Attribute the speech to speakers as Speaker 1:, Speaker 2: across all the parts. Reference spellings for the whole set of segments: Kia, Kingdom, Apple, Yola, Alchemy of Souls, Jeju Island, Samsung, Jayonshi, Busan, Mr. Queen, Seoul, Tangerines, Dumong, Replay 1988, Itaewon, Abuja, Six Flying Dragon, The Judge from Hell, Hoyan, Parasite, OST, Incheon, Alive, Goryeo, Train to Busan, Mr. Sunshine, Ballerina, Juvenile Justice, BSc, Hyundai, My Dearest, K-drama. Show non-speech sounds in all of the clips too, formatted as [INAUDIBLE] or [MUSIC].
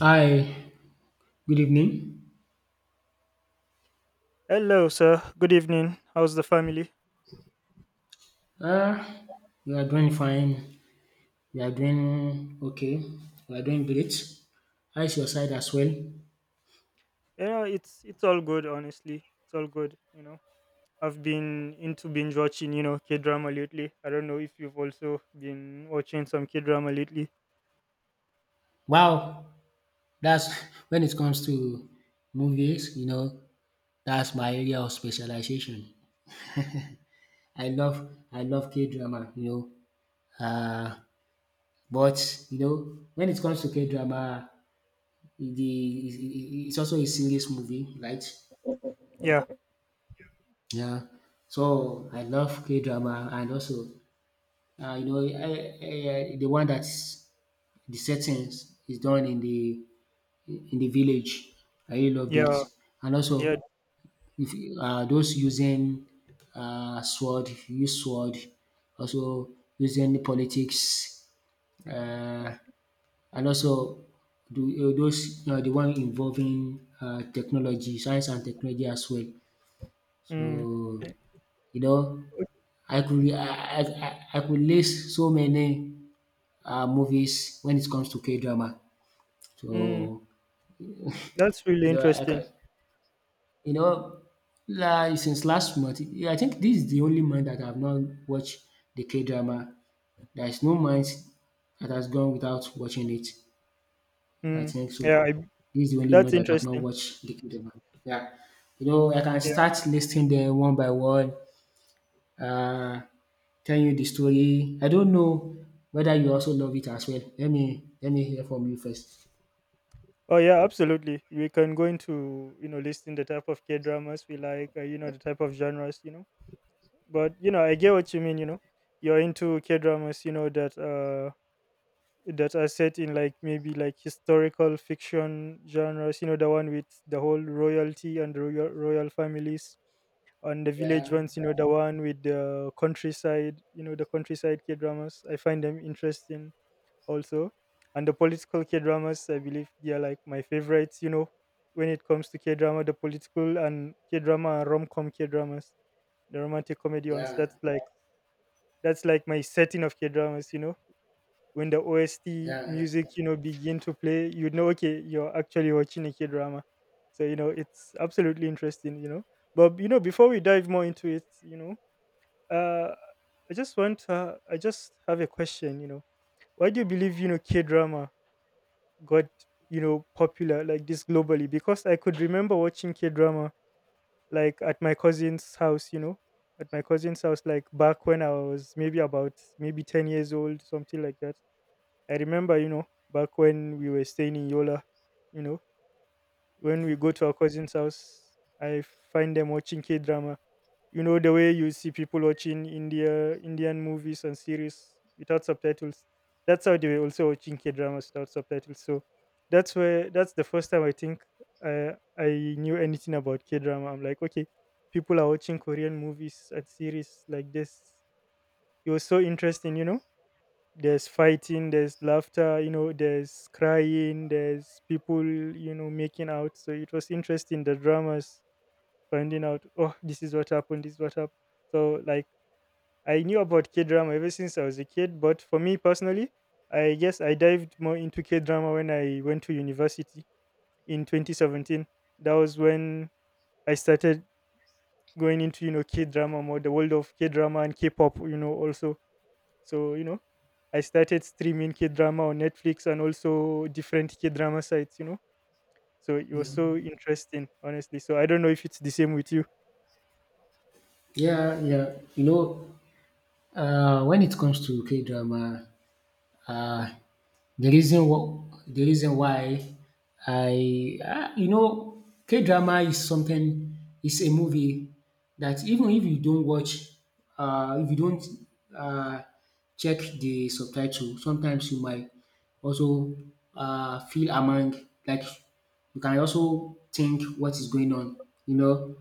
Speaker 1: Hi, good evening.
Speaker 2: Hello, sir. Good evening. How's the family?
Speaker 1: Uh, we are doing fine. We are doing okay. We are doing great. How is your side as well?
Speaker 2: You know, it's all good, honestly. It's all good. You know, I've been into binge watching, you know, K drama lately. I don't know if you've also been watching some K drama lately.
Speaker 1: Wow, that's [LAUGHS] when it comes to movies, you know, that's my area of specialization. I love I love K drama, you know. Uh, but you know, when it comes to K drama, the it's also a serious movie, right?
Speaker 2: Yeah,
Speaker 1: Yeah. So I love K drama and also, Uh, you know, uh, the one that's the settings is done in the village. I really loved it.
Speaker 2: yeah,
Speaker 1: And
Speaker 2: yeah.
Speaker 1: also, if you- those using sword, if you use sword, also using the politics, uh, and also do, those the one involving technology, science and technology as well. So
Speaker 2: Mm, yeah.
Speaker 1: you know, I could list so many movies when it comes to K drama. So
Speaker 2: Mm. That's really
Speaker 1: you know, I
Speaker 2: interesting.
Speaker 1: can, you know, like since last month, yeah, I think this is the only month that I've not watched the K drama. There is no month that has gone without watching it. I
Speaker 2: Mm.
Speaker 1: think so.
Speaker 2: Yeah, I,
Speaker 1: This is the only
Speaker 2: that's
Speaker 1: month that I've not
Speaker 2: interesting.
Speaker 1: watched the K drama. Yeah, you know, I can
Speaker 2: Yeah.
Speaker 1: start listing them one by one. Uh, Tell you the story. I don't know whether you also love it as well. Let me hear from you first.
Speaker 2: Oh yeah, absolutely. We can go into, you know, listing the type of K dramas we like, you know, the type of genres, you know. But you know, I get what you mean, you know, you're into K dramas, you know, that that are set in, like, maybe like historical fiction genres, you know, the one with the whole royalty and the royal families, and the village
Speaker 1: Yeah,
Speaker 2: ones, you know, the one with the countryside, you know, the countryside K dramas, I find them interesting. Also, and the political K dramas, I believe, they are like my favorites, you know, when it comes to K drama, the political and K drama and rom-com K dramas, the romantic comedy ones,
Speaker 1: yeah.
Speaker 2: that's like my setting of K-dramas, you know. When the OST
Speaker 1: Yeah, yeah,
Speaker 2: music, you know, begin to play, you know, okay, you're actually watching a K-drama. So, you know, it's absolutely interesting, you know. But, you know, before we dive more into it, you know, uh, I just have a question, you know. Why do you believe, you know, K-drama got, you know, popular like this globally? Because I could remember watching K-drama like at my cousin's house, you know, at my cousin's house, like back when I was maybe about maybe 10 years old, something like that. I remember, you know, back when we were staying in Yola, you know, when we go to our cousin's house, I find them watching K drama, you know, the way you see people watching Indian movies and series without subtitles. That's how they were also watching K dramas without subtitles. So that's the first time, I think, I knew anything about K drama. I'm like, okay, people are watching Korean movies and series like this. It was so interesting, you know. There's fighting, there's laughter, you know, there's crying, there's people, you know, making out. So it was interesting. The dramas finding out, oh, this is what happened, this is what happened. So, like, I knew about K drama ever since I was a kid, but for me personally, I guess I dived more into K drama when I went to university in 2017. That was when I started going into, you know, K drama more, the world of K drama and K pop, you know, also. So, you know, I started streaming K drama on Netflix and also different K drama sites, you know. So it was so interesting, honestly. So I don't know if it's the same with you.
Speaker 1: yeah. You know, when it comes to K drama, uh, the reason what the reason why I, you know, K drama is something. It's a movie that even if you don't watch, if you don't uh, check the subtitle, sometimes you might also feel among, like you can also think what is going on. You know,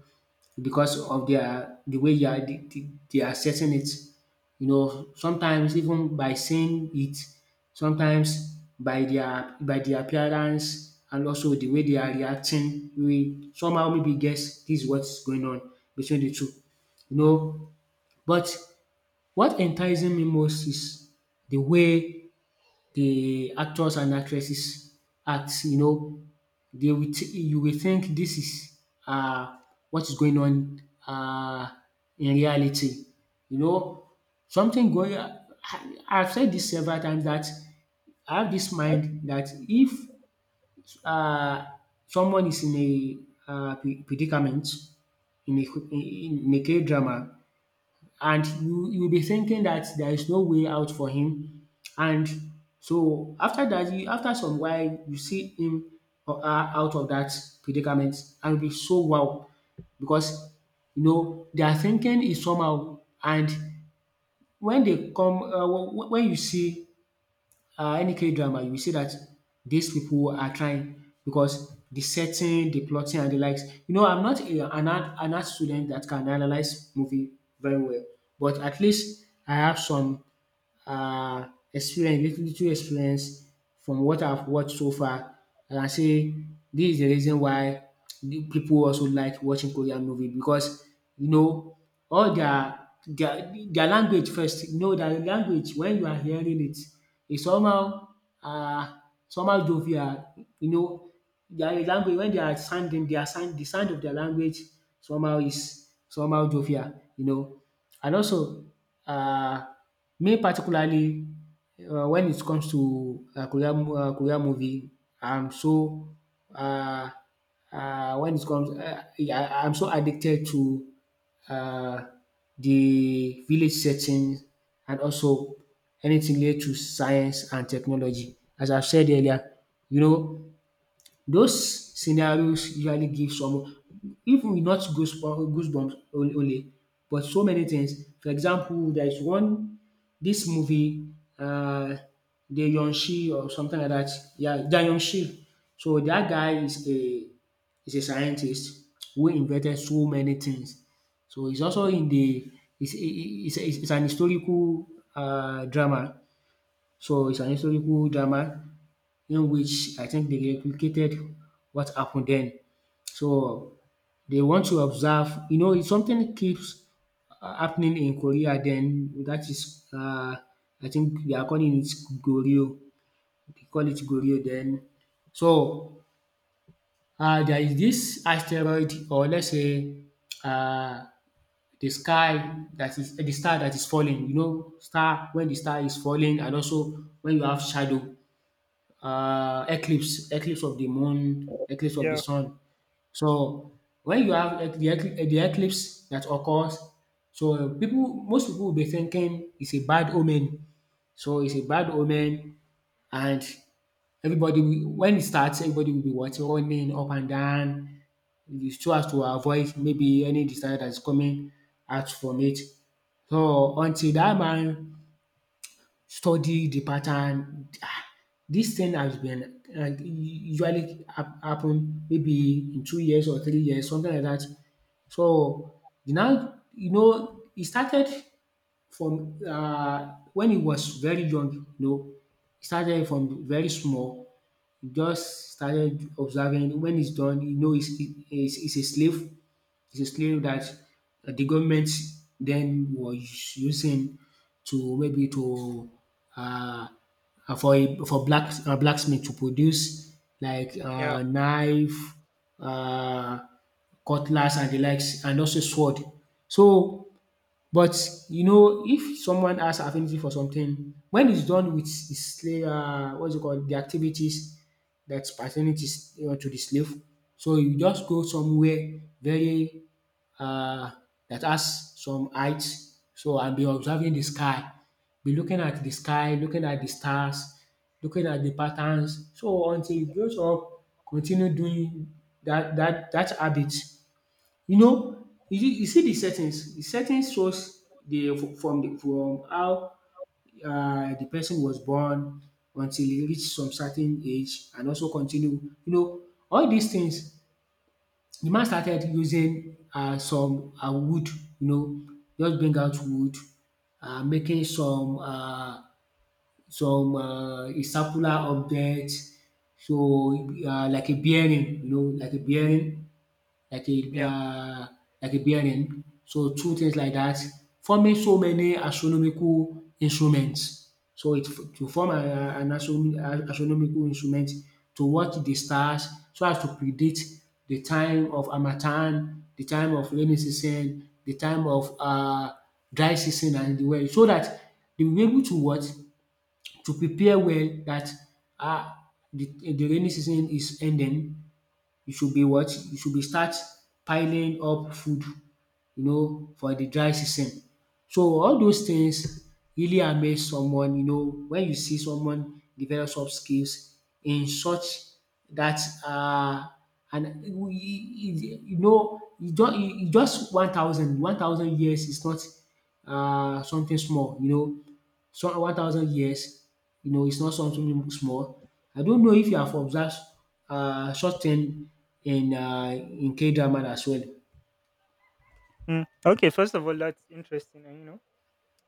Speaker 1: because of their the way they are they are setting it. You know, sometimes even by saying it, sometimes by their appearance and also the way they are reacting, we somehow maybe guess this is what's going on between the two. You know, but what entices me most is the way the actors and actresses act, you know, you will think this is uh, what is going on in reality. You know, something going. I've said this several times that I have this mind that if uh, someone is in a predicament in a in a K drama, and you'll be thinking that there is no way out for him. And so after that, you, after some while, you see him or her out of that predicament, and you'll be so wow, because you know their thinking is somehow. And when they come, when you see any K-drama, you will see that these people are trying because the setting, the plotting, and the likes. You know, I'm not an art, an art student that can analyze movie very well, but at least I have some experience little little experience from what I've watched so far. I can say this is the reason why the people also like watching Korean movie, because you know all their language first, you know, their language when you are hearing it is somehow uh somehow jovial, you know, their language when they are sounding the sound of their language somehow is somehow jovial, you know. And also, uh, me particularly, when it comes to Korean movie, I'm so uh, yeah, I'm so addicted to uh, the village setting and also anything related to science and technology. As I've said earlier, you know, those scenarios usually give some, even not goosebumps only, but so many things. For example, there is one, this movie, um dae young or something like that. Yeah, the young. So that guy is a scientist who invented so many things. So it's also in the, it's an historical drama. So it's an historical drama in which I think they replicated what happened then. So they want to observe, you know, it's something keeps happening in Korea then, that is, I think they are calling it Goryeo. They call it Goryeo then. So there is this asteroid, or let's say uh, the sky, that is the star that is falling. You know, star when the star is falling, and also when you have shadow, eclipse, eclipse of the moon, eclipse of the
Speaker 2: Yeah,
Speaker 1: sun. So when you have the eclipse that occurs, so people, most people will be thinking it's a bad omen. So it's a bad omen, and everybody will, when it starts, everybody will be what, running up and down, so as to avoid maybe any disaster that is coming out from it. So until that man study the pattern. Ah, this thing has been usually happen maybe in 2 years or 3 years, something like that. So you now, you know, he started from when he was very young. You know, he started from very small. He just started observing. When he's done, you know, he's a slave. It's a slave that the government then was using to maybe to, uh, for a, for black blacksmith to produce like,
Speaker 2: yeah,
Speaker 1: knife, uh, cutlass and the likes, and also sword. So, but you know, if someone has affinity for something, when it's done with his slave, what's it called, the activities that's pertaining to, you know, to the slave, so you just go somewhere very, uh, that has some height. So I'll be observing the sky, be looking at the sky, looking at the stars, looking at the patterns. So until it grows up, continue doing that habit. You know, you see the settings shows the from how, the person was born until he reached some certain age and also continue. You know, all these things, the man started using some wood, you know, just bring out wood, making some a circular object, so like a bearing, you know, like a bearing, like a
Speaker 2: yeah.
Speaker 1: uh, like a bearing. So two things like that, forming so many astronomical instruments. So it to form an astronomical instrument to watch the stars so as to predict the time of harmattan, the time of rainy season, the time of dry season and the well, so that they will be able to what? To prepare well, that ah, the rainy season is ending, you should be what? You should be start piling up food, you know, for the dry season. So all those things really amaze someone, you know, when you see someone develop soft skills in such that um and you know e just one thousand one thousand years is not something small, you know. So 1,000 years, you know, it's not something small. I don't know if you have observed such thing in K-drama as well.
Speaker 2: Mm, okay, first of all, that's interesting, and you know,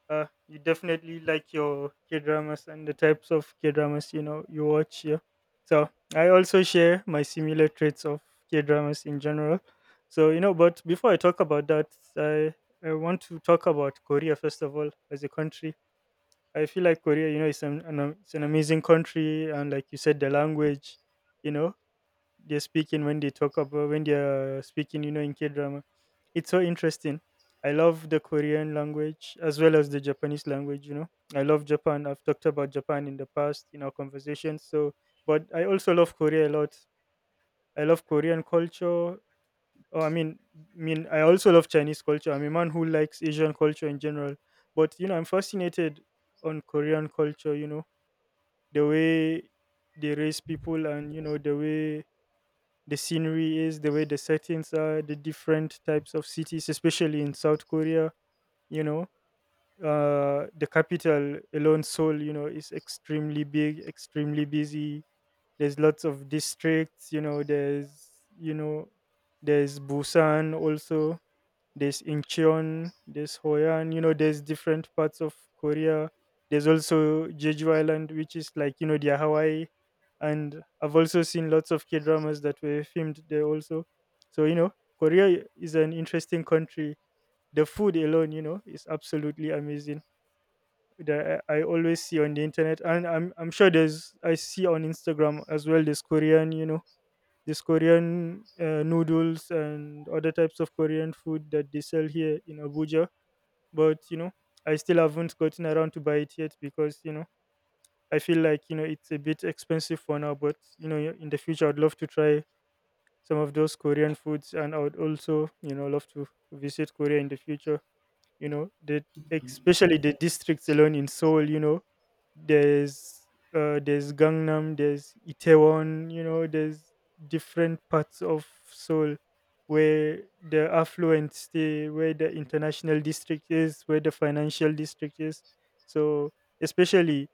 Speaker 2: you definitely like your K dramas and the types of K dramas, you know, you watch. Yeah, so I also share my similar traits of K dramas in general. So you know, but before I talk about that, I want to talk about Korea first of all as a country. I feel like Korea, you know, is it's an amazing country, and like you said, the language, you know, they're speaking, when they talk about, when they're speaking, you know, in K-drama, it's so interesting. I love the Korean language as well as the Japanese language, you know. I love Japan. I've talked about Japan in the past in our conversations. So but I also love Korea a lot. I love Korean culture. oh, i mean mean I also love Chinese culture. I'm a man who likes Asian culture in general. But you know, I'm fascinated on Korean culture, you know, the way they raise people, and you know, the way the scenery is, the way the settings are, the different types of cities, especially in South Korea. You know, the capital alone, Seoul, you know, is extremely big, extremely busy. There's lots of districts. You know, there's Busan also. There's Incheon, there's Hoyan, you know, there's different parts of Korea. There's also Jeju Island, which is like, you know, their Hawaii. And I've also seen lots of K dramas that were filmed there also. So, you know, Korea is an interesting country. The food alone, you know, is absolutely amazing, that I always see on the internet, and I'm sure there's I see on Instagram as well. There's Korean, you know, this Korean noodles and other types of Korean food that they sell here in Abuja. But you know, I still haven't gotten around to buy it yet because you know I feel like, you know, it's a bit expensive for now. But you know, in the future, I'd love to try some of those Korean foods, and I would also, you know, love to visit Korea in the future, you know, the especially the districts alone in Seoul, you know, there's there's Gangnam, there's Itaewon, you know, there's different parts of Seoul where the affluent stay, where the international district is, where the financial district is. So, especially,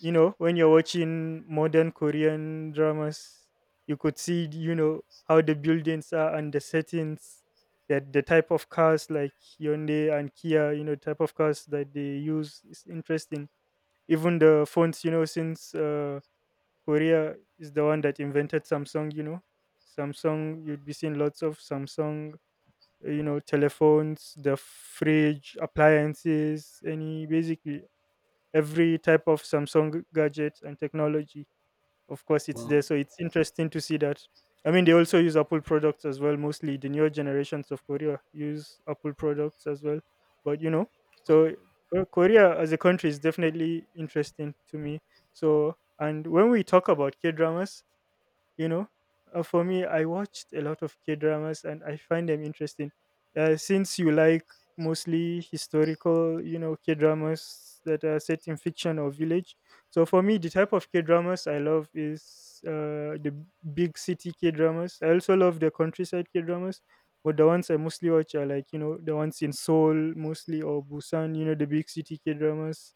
Speaker 2: you know, when you're watching modern Korean dramas, you could see, you know, how the buildings are and the settings, that the type of cars like Hyundai and Kia, you know, type of cars that they use is interesting. Even the phones, you know, since Korea is the one that invented Samsung, you know, Samsung, you'd be seeing lots of Samsung, you know, telephones, the fridge, appliances, any basically every type of Samsung gadget and technology, of course, it's there.
Speaker 1: Wow!
Speaker 2: So it's interesting to see that. I mean, they also use Apple products as well. Mostly the newer generations of Korea use Apple products as well. But you know, so Korea as a country is definitely interesting to me. So, and when we talk about K dramas, you know, for me, I watched a lot of K dramas and I find them interesting. Since you like mostly historical, you know, K dramas that are set in fiction or village, so for me, the type of K dramas I love is the big city K dramas. I also love the countryside K dramas, but the ones I mostly watch are like, you know, the ones in Seoul mostly or Busan, you know, the big city K dramas,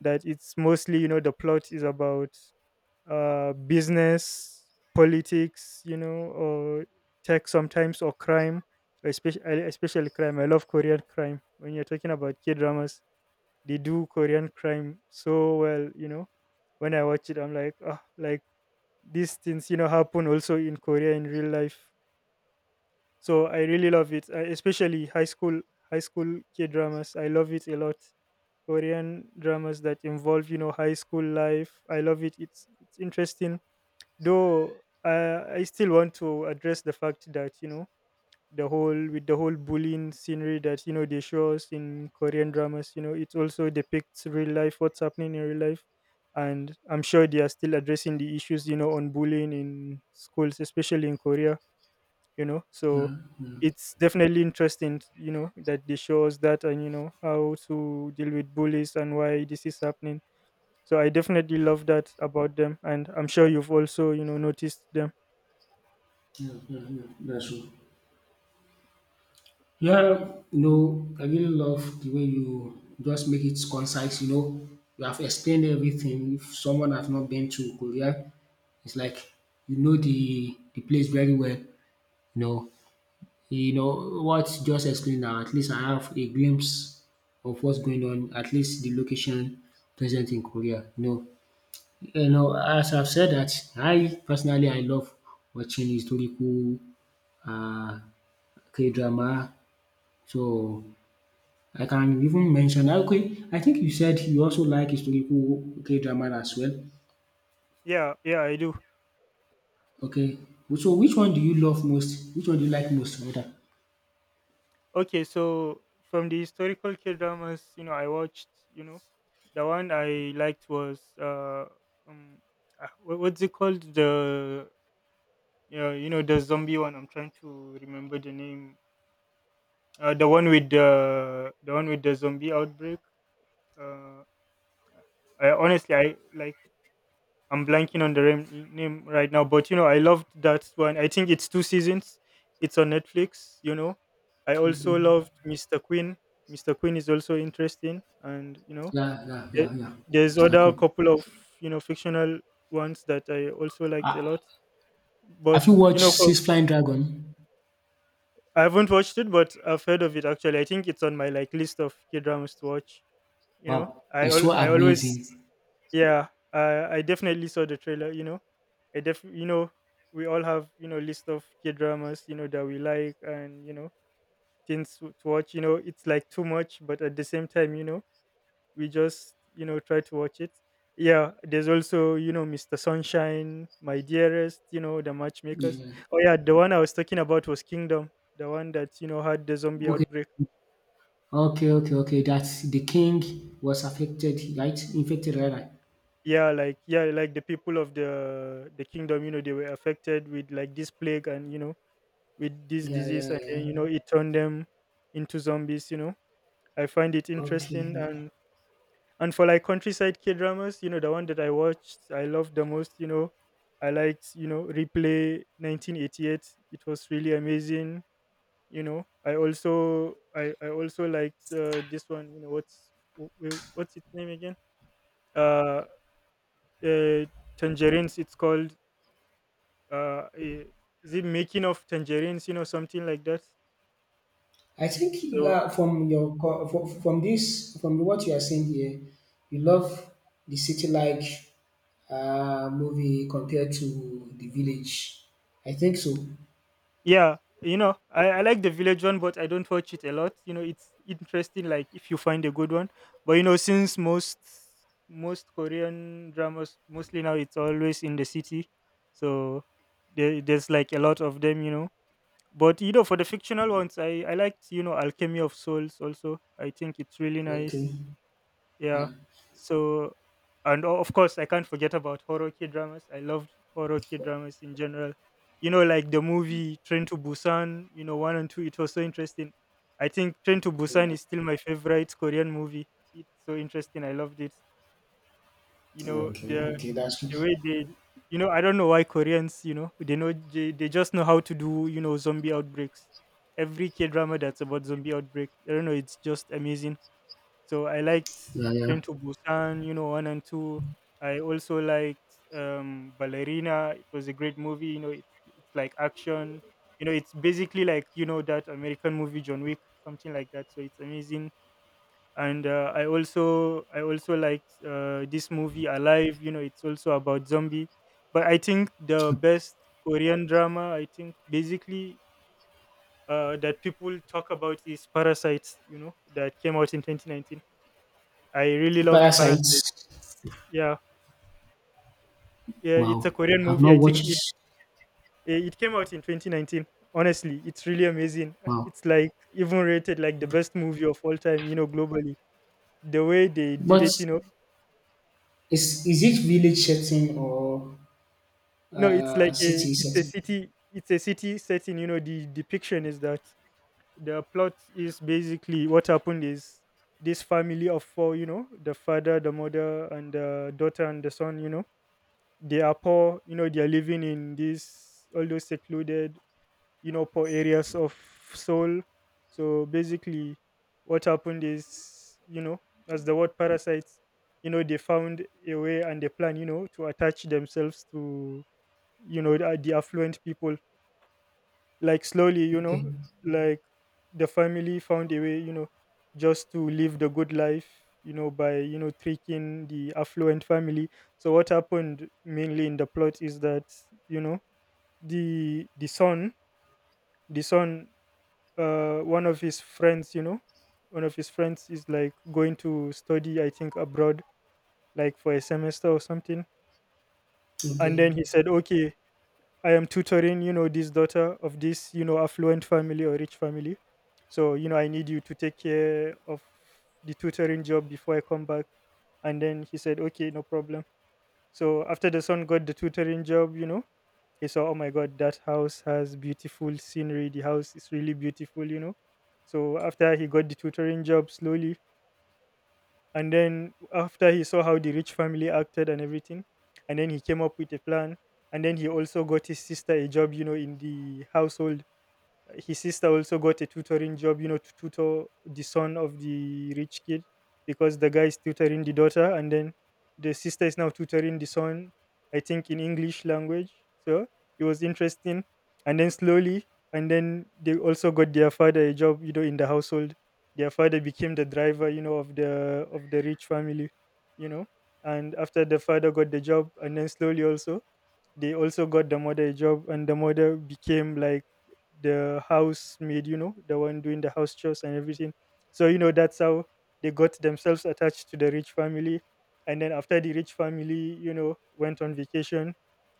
Speaker 2: that it's mostly, you know, the plot is about business, politics, you know, or tech sometimes, or crime, especially crime. I love Korean crime. When you're talking about K dramas, they do Korean crime so well. You know, when I watch it, I'm like, oh, like these things, you know, happen also in Korea in real life. So I really love it, especially high school K dramas. I love it a lot. Korean dramas that involve, you know, high school life. I love it. It's interesting. Though I still want to address the fact that, you know, the whole, with the whole bullying scenery, that you know they show us in Korean dramas, you know, it also depicts real life, what's happening in real life, and I'm sure they are still addressing the issues, you know, on bullying in schools, especially in Korea, you know. So
Speaker 1: Yeah, yeah,
Speaker 2: it's definitely interesting, you know, that they show us that, and you know how to deal with bullies and why this is happening. So I definitely love that about them, and I'm sure you've also, you know, noticed them.
Speaker 1: yeah, that's true. Yeah, you know, I really love the way you just make it concise, you know. You have explained everything. If someone has not been to Korea, it's like you know the place very well, you know. You know what just explained now, at least I have a glimpse of what's going on, at least the location present in Korea. You know, you know, as I've said, that I personally I love watching historical uh, K drama. So I can even mention, okay, I think you said you also like historical K drama as well.
Speaker 2: Yeah, yeah, I do.
Speaker 1: Okay. So which one do you love most? Which one do you like most, rather?
Speaker 2: Okay, so from the historical K dramas, you know, I watched, you know, the one I liked was um, what's it called? The yeah, you know, the zombie one. I'm trying to remember the name. The one with the zombie outbreak. Uh, I honestly, I like I'm blanking on the name right now, but you know, I loved that one. I think it's two seasons. It's on Netflix. You know, I also
Speaker 1: Okay.
Speaker 2: loved Mr. Queen. Mr. Queen is also interesting, and you know,
Speaker 1: Yeah, yeah,
Speaker 2: there-
Speaker 1: yeah, yeah.
Speaker 2: there's
Speaker 1: It's not
Speaker 2: other
Speaker 1: good.
Speaker 2: couple of, you know, fictional ones that I also liked a lot.
Speaker 1: Have
Speaker 2: But
Speaker 1: you
Speaker 2: you
Speaker 1: watched
Speaker 2: know, for
Speaker 1: Six Flying Dragon?
Speaker 2: I haven't watched it, but I've heard of it actually. I think it's on my, like, list of K dramas to watch. You know,
Speaker 1: Wow, it's so
Speaker 2: I always
Speaker 1: amazing.
Speaker 2: yeah, I definitely saw the trailer, you know. I def You know, we all have, you know, list of K dramas, you know, that we like, and you know, things to watch, you know, it's like too much, but at the same time, you know, we just, you know, try to watch it. Yeah, there's also, Mr. Sunshine, My Dearest, the matchmakers.
Speaker 1: Yeah.
Speaker 2: Oh yeah, the one I was talking about was Kingdom, the one that had the zombie
Speaker 1: Okay.
Speaker 2: outbreak.
Speaker 1: Okay, okay, okay. That the king was affected, right? Infected, rather.
Speaker 2: Yeah, like the people of the kingdom, they were affected with like this plague, and with this
Speaker 1: Yeah,
Speaker 2: disease,
Speaker 1: yeah,
Speaker 2: and
Speaker 1: yeah.
Speaker 2: then it turned them into zombies. I find it
Speaker 1: Okay.
Speaker 2: interesting.
Speaker 1: Yeah.
Speaker 2: And for like countryside K dramas, the one that I watched, I loved the most. I liked, Replay 1988. It was really amazing. I also liked, this one. What's its name again? uh, uh Tangerines, it's called. uh eh, is it Making of Tangerines, something like that?
Speaker 1: I think you
Speaker 2: So,
Speaker 1: are, from from this, from what you are saying here, you love the city like movie compared to the village. I think so.
Speaker 2: yeah, I like the village one, but I don't watch it a lot. It's interesting, like if you find a good one. But since most Korean dramas, mostly now, it's always in the city. So there's like a lot of them. But for the fictional ones, I liked, Alchemy of Souls also. I think it's really
Speaker 1: Okay.
Speaker 2: nice. Yeah.
Speaker 1: Yeah.
Speaker 2: So, and of course, I can't forget about horror kid dramas. I loved horror kid dramas in general. Like the movie Train to Busan, one and two, it was so interesting. I think Train to Busan
Speaker 1: Yeah.
Speaker 2: is still my favorite Korean movie. It's so interesting. I loved it. You know,
Speaker 1: Okay.
Speaker 2: the
Speaker 1: Okay. That's
Speaker 2: the
Speaker 1: good.
Speaker 2: way they, I don't know why Koreans, they just know how to do, zombie outbreaks. Every K drama that's about zombie outbreak, I don't know, it's just amazing. So I liked
Speaker 1: Yeah. Yeah.
Speaker 2: Train to Busan, one and two. I also liked, Ballerina. It was a great movie. It's like action. It's basically like, that American movie John Wick, something like that. So it's amazing. And I also liked, this movie Alive. It's also about zombie. But I think the best Korean drama, I think basically, that people talk about is Parasites. That came out in 2019. I really loved
Speaker 1: Parasites.
Speaker 2: Parasite. Yeah, yeah, it's a
Speaker 1: Wow,
Speaker 2: Korean
Speaker 1: I've
Speaker 2: movie.
Speaker 1: not
Speaker 2: I think
Speaker 1: watched it.
Speaker 2: it came out in 2019. Honestly, it's really amazing.
Speaker 1: Wow,
Speaker 2: It's like even rated like the best movie of all time, globally. The way they did
Speaker 1: but
Speaker 2: it,
Speaker 1: is it village setting or
Speaker 2: no, it's like a
Speaker 1: city setting?
Speaker 2: it's a city setting. The depiction is that the plot is basically what happened is this family of four. The father, the mother, and the daughter and the son, they are poor, they are living in this, all those secluded, poor areas of soul. So basically what happened is, as the word parasites, they found a way and a plan, to attach themselves to, the affluent people, like slowly.
Speaker 1: Okay,
Speaker 2: Like, the family found a way, just to live the good life, by, tricking the affluent family. So what happened mainly in the plot is that, you know the the son the son, one of his friends, one of his friends is like going to study, I think, abroad, like for a semester or something. And
Speaker 1: okay,
Speaker 2: then he said, okay, I am tutoring, this daughter of this, affluent family or rich family. So, I need you to take care of the tutoring job before I come back. And then he said, okay, no problem. So after the son got the tutoring job, I saw, oh my God, that house has beautiful scenery. The house is really beautiful. So after he got the tutoring job slowly, and then after he saw how the rich family acted and everything, and then he came up with a plan. And then he also got his sister a job, in the household. His sister also got a tutoring job, to tutor the son of the rich kid. Because the guy is tutoring the daughter, and then the sister is now tutoring the son, I think in English language. So it was interesting. And then slowly, and then they also got their father a job, in the household. Their father became the driver, of the rich family you know and after the father got the job, and then slowly also, they also got the mother a job, and the mother became like the housemaid, the one doing the house chores and everything. So, that's how they got themselves attached to the rich family. And then after the rich family, went on vacation,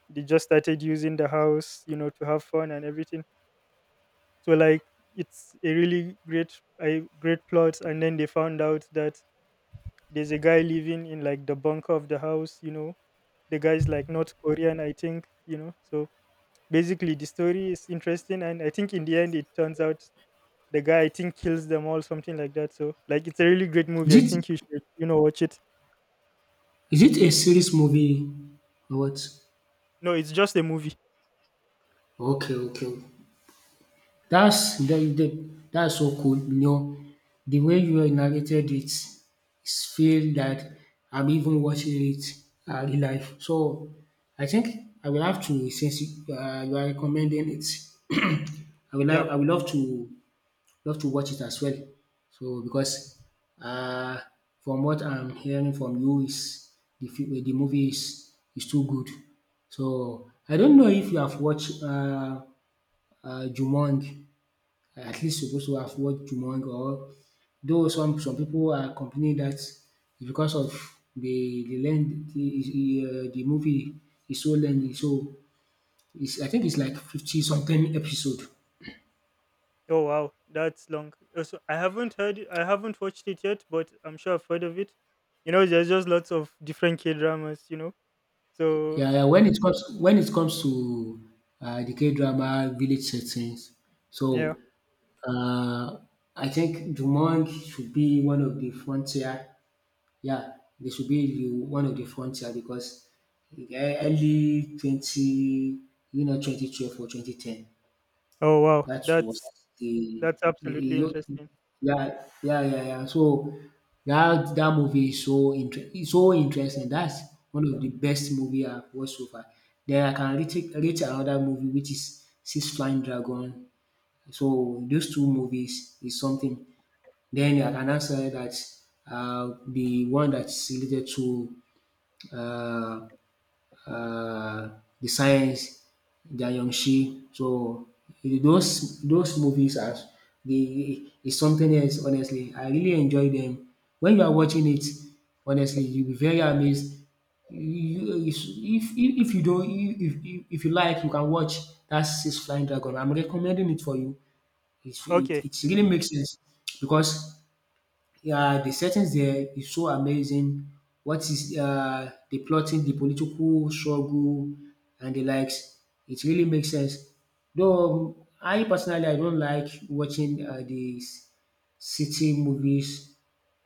Speaker 2: they just started using the house, to have fun and everything. So like, it's a great plot. And then they found out that there's a guy living in like the bunker of the house. The guy's like North Korean, I think, so basically the story is interesting. And I think in the end, it turns out the guy, I think, kills them all, something like that. So like it's a really great movie. I
Speaker 1: is it
Speaker 2: think you should, watch it.
Speaker 1: a series movie or what?
Speaker 2: No, it's just a movie.
Speaker 1: Okay, okay. Okay. That's the that's so cool, you know. The way you narrated it, it's feel that I'm even watching it in life. So I think I will have to, since you are recommending it, [CLEARS THROAT]
Speaker 2: Yeah.
Speaker 1: I will love to watch it as well. So because, uh, from what I'm hearing from you is the movie is too good. So I don't know if you have watched Jumanji at least supposed to have worked among, or though some people are complaining that because of the length, the movie is so lengthy, so it's, I think it's like 50 something episode.
Speaker 2: Oh wow, that's long. So I haven't watched it yet, but I'm sure I've heard of it. There's just lots of different K dramas. So.
Speaker 1: Yeah, yeah, when it comes to the K drama village settings,
Speaker 2: Yeah.
Speaker 1: so uh, I think Dumong should be one of the frontier. Yeah, they should be the one of the frontier because early 20, you know, 2012 or 2010.
Speaker 2: Oh wow,
Speaker 1: That was
Speaker 2: that's
Speaker 1: the,
Speaker 2: that's absolutely
Speaker 1: you know,
Speaker 2: interesting.
Speaker 1: yeah, yeah, yeah, yeah. So that movie is is so interesting. That's one of the best movie I've watched so far. Then I can rate another movie, which is Six Flying Dragon. So those two movies is something. Then I can answer that, the one that's related to uh, uh, The Science, Jayonshi. So those movies are the is something else. Honestly, I really enjoy them. When you are watching it, honestly, you'll be very amazed. If you don't if you like, you can watch that Six Flying Dragon. I'm recommending it for you. It's, it
Speaker 2: Okay.
Speaker 1: it really makes sense because, yeah, the settings there is so amazing. What is the plotting, the political struggle, and the likes. It really makes sense. Though I personally, I don't like watching these city movies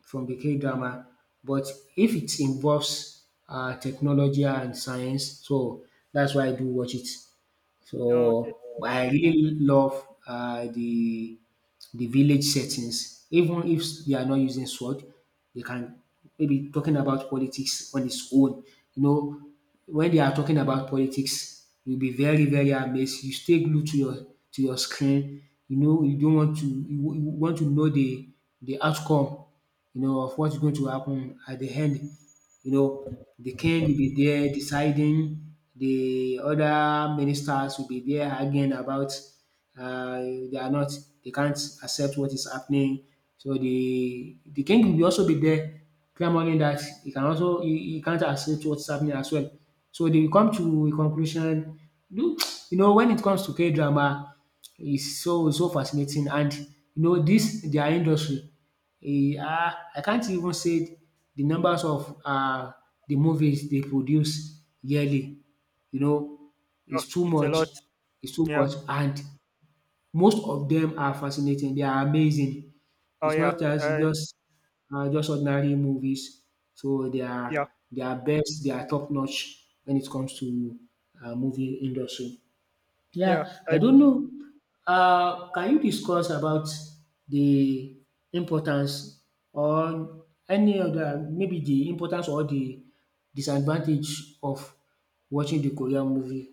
Speaker 1: from the K drama, but if it involves technology and science, so that's why I do watch it.
Speaker 2: Oh, okay.
Speaker 1: So but I really love the village settings, even if they are not using sword. They can maybe talking about politics on its own. You know, when they are talking about politics, you'll be very, very amazed. You stay glued to your screen. You know, you don't want to you, you want to know the outcome, you know, of what's going to happen at the end. You know, the king will be there deciding, the other ministers will be there arguing about, they are not, they can't accept what is happening. So the king will also be there clamoring that he can also, he can't accept what's happening as well. So they will come to a conclusion. You you know, when it comes to K drama, is so so fascinating. And you know this their industry, E I can't even say the numbers of the movies they produce yearly. You know,
Speaker 2: Oh,
Speaker 1: it's too
Speaker 2: it's a lot.
Speaker 1: much, it's too
Speaker 2: Yeah.
Speaker 1: much, and most of them are fascinating, they are amazing.
Speaker 2: Oh
Speaker 1: It's
Speaker 2: yeah.
Speaker 1: not just
Speaker 2: uh,
Speaker 1: just um just ordinary movies. So they are
Speaker 2: yeah.
Speaker 1: they are best, they are top notch when it comes to movie industry. Yeah,
Speaker 2: Yeah,
Speaker 1: I
Speaker 2: I.
Speaker 1: don't know. Can you discuss about the importance, or any other, maybe the importance or the disadvantage of watching the Korean movie?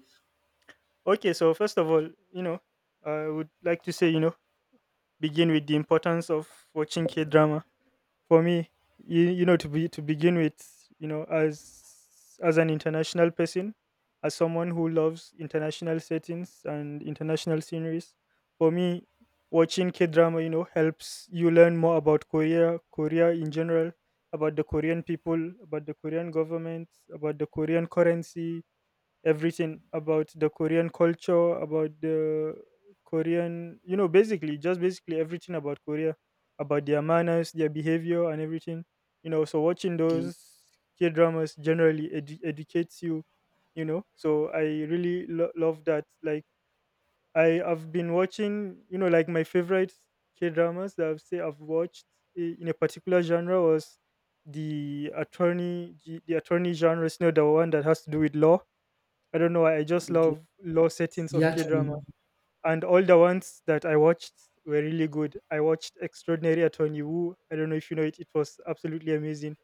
Speaker 2: Okay, so first of all, I would like to say, begin with the importance of watching K drama. For me, to begin with, as an international person, as someone who loves international settings and international sceneries, for me, watching K drama, helps you learn more about Korea, Korea in general, about the Korean people, about the Korean government, about the Korean currency, everything about the Korean culture, about the Korean, basically everything about Korea, about their manners, their behavior, and everything. So watching
Speaker 1: Yeah,
Speaker 2: those K dramas generally educates you. So I really love that. Like, I have been watching, like, my favorite K dramas that I've watched, in a particular genre, was the attorney genre, the one that has to do with law. I don't know why, I just
Speaker 1: okay.
Speaker 2: love low settings
Speaker 1: The
Speaker 2: of K drama,
Speaker 1: actually,
Speaker 2: and all the ones that I watched were really good. I watched Extraordinary Attorney Woo. I don't know if you know it. It was absolutely amazing.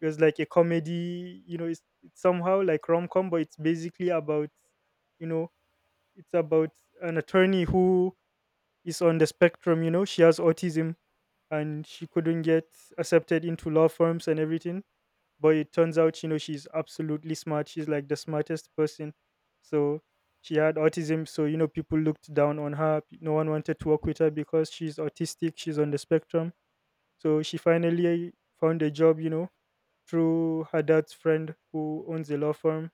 Speaker 2: It was like a comedy. It's somehow like rom com, but it's basically about, you know, it's about an attorney who is on the spectrum. She has autism, and she couldn't get accepted into law firms and everything. But it turns out, she's absolutely smart, she's like the smartest person. So she had autism, so, people looked down on her. No one wanted to work with her because she's autistic, she's on the spectrum. So she finally found a job, through her dad's friend who owns a law firm.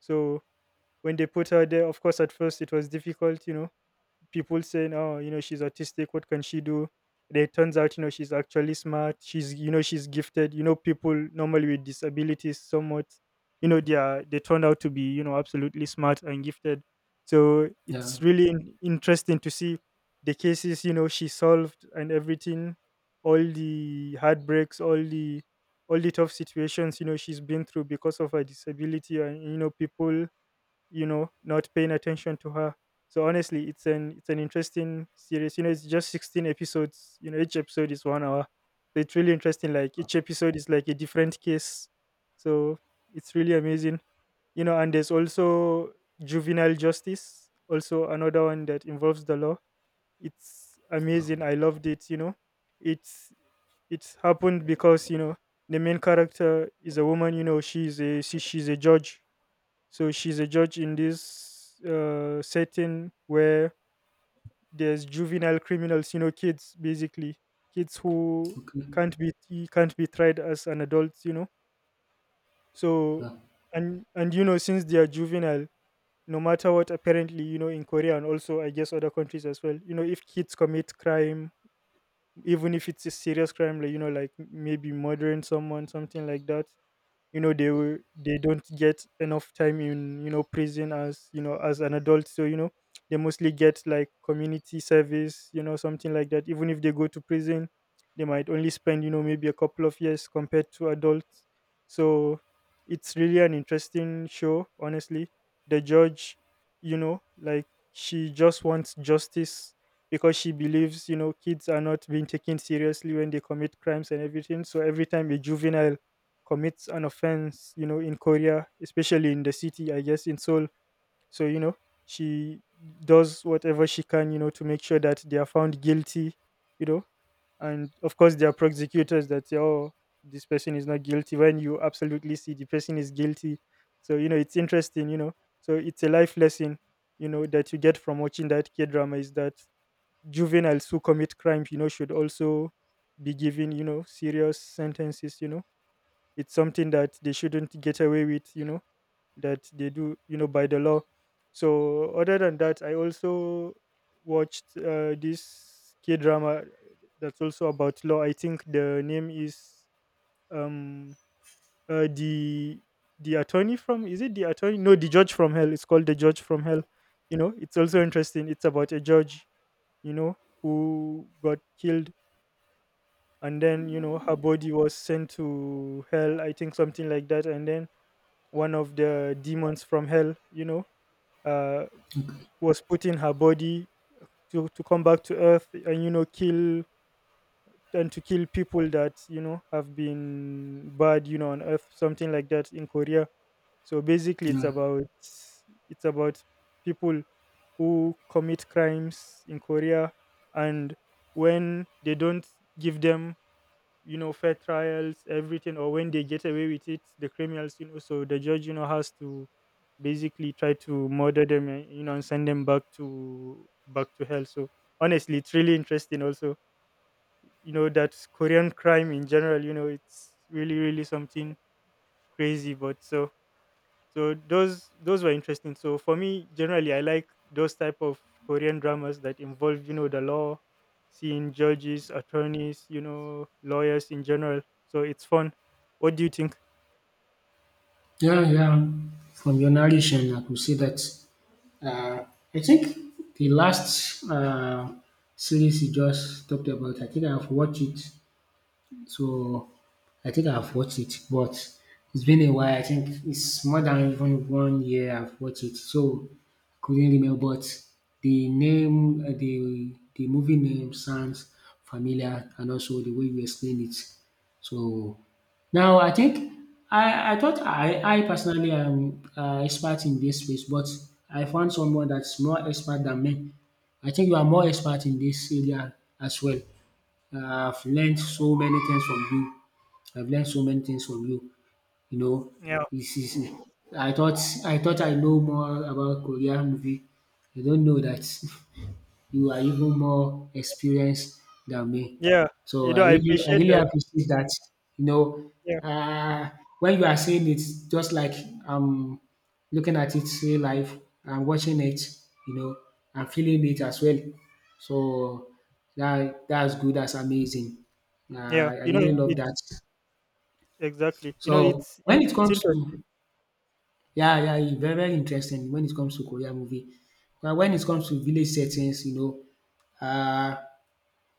Speaker 2: So when they put her there, of course, at first it was difficult. People saying, "Oh, she's autistic. What can she do?" Then it turns out, she's actually smart. She's gifted. People normally with disabilities, somewhat, they turned out to be, absolutely smart and gifted. So it's
Speaker 1: yeah,
Speaker 2: really interesting to see the cases, she solved and everything, all the heartbreaks, all the tough situations, she's been through because of her disability. And, people, not paying attention to her. So honestly, it's an interesting series, it's just 16 episodes, each episode is 1 hour. So it's really interesting, like each episode is like a different case. So it's really amazing. And there's also Juvenile Justice, also another one that involves the law. It's amazing, I loved it. it's it's happened because, the main character is a woman, she's a judge. So she's a judge in this, setting where there's juvenile criminals, kids basically, kids who
Speaker 1: okay,
Speaker 2: can't be can't be tried as an adult. So
Speaker 1: yeah,
Speaker 2: since they are juvenile, no matter what, apparently, in Korea, and also I guess other countries as well, if kids commit crime, even if it's a serious crime, like maybe murdering someone, something like that. They don't get enough time in prison as an adult. So they mostly get like community service, something like that. Even if they go to prison, they might only spend, maybe a couple of years compared to adults. So it's really an interesting show, honestly. The judge, like, she just wants justice, because she believes kids are not being taken seriously when they commit crimes and everything. So every time a juvenile commits an offense, in Korea, especially in the city, I guess, in Seoul. So, she does whatever she can, to make sure that they are found guilty, you know. And of course, there are prosecutors that say, oh, this person is not guilty when you absolutely see the person is guilty. So, it's interesting. So, it's a life lesson, that you get from watching that K drama, is that juveniles who commit crimes, should also be given, serious sentences. It's something that they shouldn't get away with, that they do, by the law. So other than that, I also watched, this K drama that's also about law. I think the name is, um uh, the the Attorney from is it The Attorney? No, The Judge From Hell. It's called The Judge From Hell. It's also interesting. It's about a judge, you know who got killed. And then, her body was sent to hell, I think something like that. And then one of the demons from hell, uh, was put in her body to come back to earth and, kill, and to kill people that, have been bad, on earth, something like that in Korea. So basically it's
Speaker 1: yeah,
Speaker 2: about people who commit crimes in Korea, and when they don't give them, fair trials, everything, or when they get away with it, the criminals, so the judge, has to basically try to murder them, and send them back to hell. So honestly, it's really interesting also. That Korean crime in general, it's really really something crazy. But so those were interesting. So for me generally, I like those type of Korean dramas that involve, the law, seeing judges, attorneys, lawyers in general. So it's fun. What do you think?
Speaker 1: yeah, yeah. From your narration, I could see that. Uh, I think the last series you just talked about, I think I've watched it. So I think I've watched it, but it's been a while. I think it's more than even one year I've watched it. So I couldn't remember, but the name, the movie name sounds familiar, and also the way you explain it. So now I think I thought I personally am expert in this space, but I found someone that's more expert than me. I think you are more expert in this area as well. I've learned so many things from you. I've learned so many things from you. You know,
Speaker 2: Yeah,
Speaker 1: this is, I thought, I know more about Korean movie. I don't know that. [LAUGHS] You are even more experienced than me.
Speaker 2: yeah.
Speaker 1: So I
Speaker 2: I
Speaker 1: really, I
Speaker 2: appreciate
Speaker 1: really
Speaker 2: that.
Speaker 1: appreciate that. You know,
Speaker 2: Yeah,
Speaker 1: uh, when you are saying it, just like I'm looking at it real life, I'm watching it, you know, I'm feeling it as well. So that's good, that's amazing.
Speaker 2: yeah.
Speaker 1: I really love
Speaker 2: It's
Speaker 1: that.
Speaker 2: exactly,
Speaker 1: So
Speaker 2: it's
Speaker 1: when it
Speaker 2: it's
Speaker 1: comes
Speaker 2: interesting.
Speaker 1: to, yeah, yeah, it's very, very interesting when it comes to Korea movie. But when it comes to village settings, you know,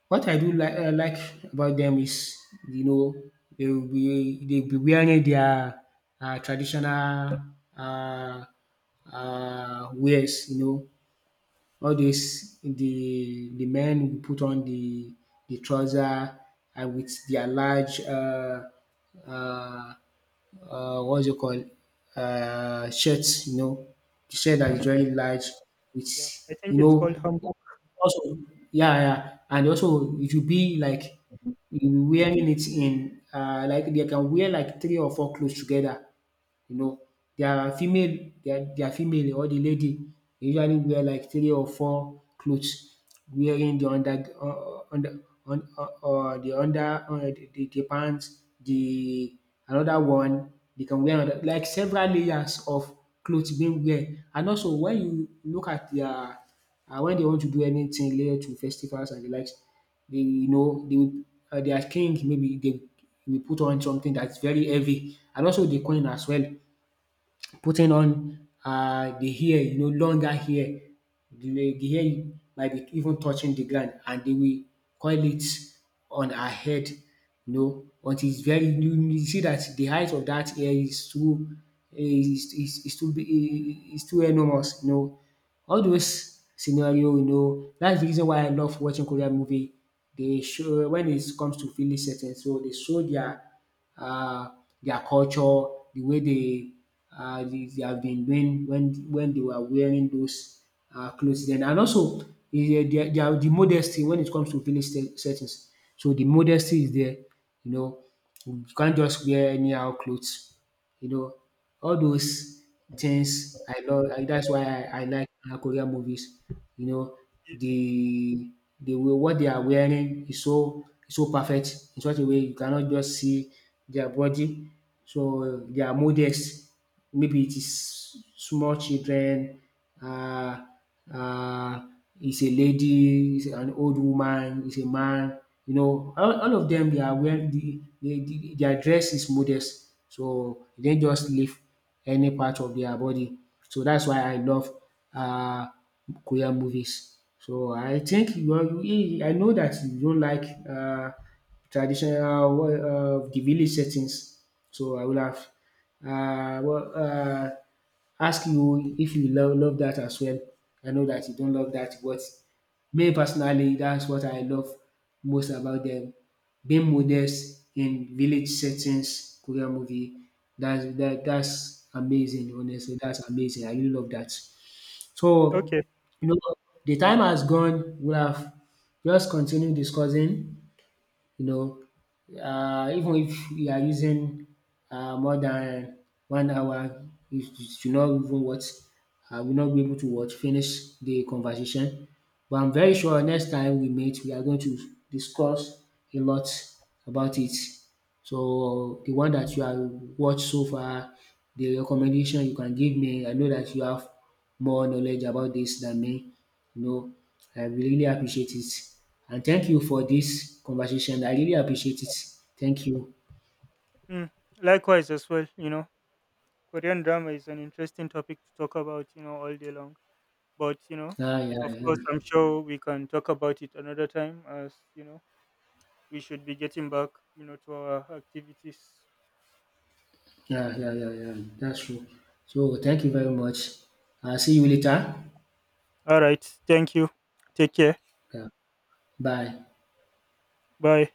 Speaker 1: what I do like, like about them is, you know, they will be they be wearing their traditional uh wears, you know, all this the men will put on the trouser, and with their large uh what's it called, shirts, you know, de shirt dat
Speaker 2: Yeah,
Speaker 1: very large with,
Speaker 2: yeah, I
Speaker 1: you
Speaker 2: think it's
Speaker 1: know,
Speaker 2: called hanbok.
Speaker 1: also, yeah, yeah. And also it will be like, you wearing it in, like they can wear like 3 or 4 clothes together, you know. Their female, their female or the lady usually wear like three or four clothes, wearing the under, under, un the under, the pants, the another one they can wear another like several layers of clothes being wear. And also when you look at their, when they want to do anything related to festivals and the likes, they, you know, they will, their king, maybe they will put on something that's very heavy, and also the queen as well putting on, the hair, you know, longer hair. The hair might be even touching the ground, and they will coil it on her head, you know, until it's very, you see that the height of that hair is too, is too big, is too enormous, you know. All those scenario, you know, that's the reason why I love watching Korean movie. They show, when it comes to village setting, so they show their, um their culture, the way they, they have been doing when they were wearing those clothes then. And also the, their the modesty when it comes to village se settings. So the modesty is there, you know. You can't just wear anyhow clothes. You know, all those things I love. That's why I like Korean movies. You know, the the way what they are wearing is so, is so perfect in such a way you cannot just see their body. So they are modest. Maybe it is small children. Uh, uh, is a lady, is an old woman, is a man, you know, all of them. They are wearing the, the their dress is modest. So e don just leave any part of their body. So that's why I love uh Korean movies. So I think you. Are, you I know that you don't like traditional the village settings. So I would have um uh. ask you if you love that as well. I know that you don't love that, but me personally, that's what I love most about them. Being modest in village settings, Korean movie, that's amazing. Honestly, that's amazing. I really love that. So,
Speaker 2: Okay.
Speaker 1: you know, the time has gone. We have just continued discussing, you know. Even if you are using more than one hour, you should not even watch, will not be able to watch, finish the conversation. But I'm very sure next time we meet, we are going to discuss a lot about it. So the one that you have watched so far, the recommendation you can give me, I know that you have more knowledge about this than me. No, I really appreciate it. And thank you for this conversation. I really appreciate it. Thank you.
Speaker 2: Mm. Likewise as well, Korean drama is an interesting topic to talk about, all day long. But
Speaker 1: Yeah,
Speaker 2: of
Speaker 1: yeah, yeah.
Speaker 2: course, I'm sure we can talk about it another time, as you know, we should be getting back, to our activities.
Speaker 1: Yeah, yeah, yeah, yeah. That's true. So thank you very much. I'll see you later.
Speaker 2: All right. Thank you. Take care.
Speaker 1: Yeah. Bye.
Speaker 2: Bye.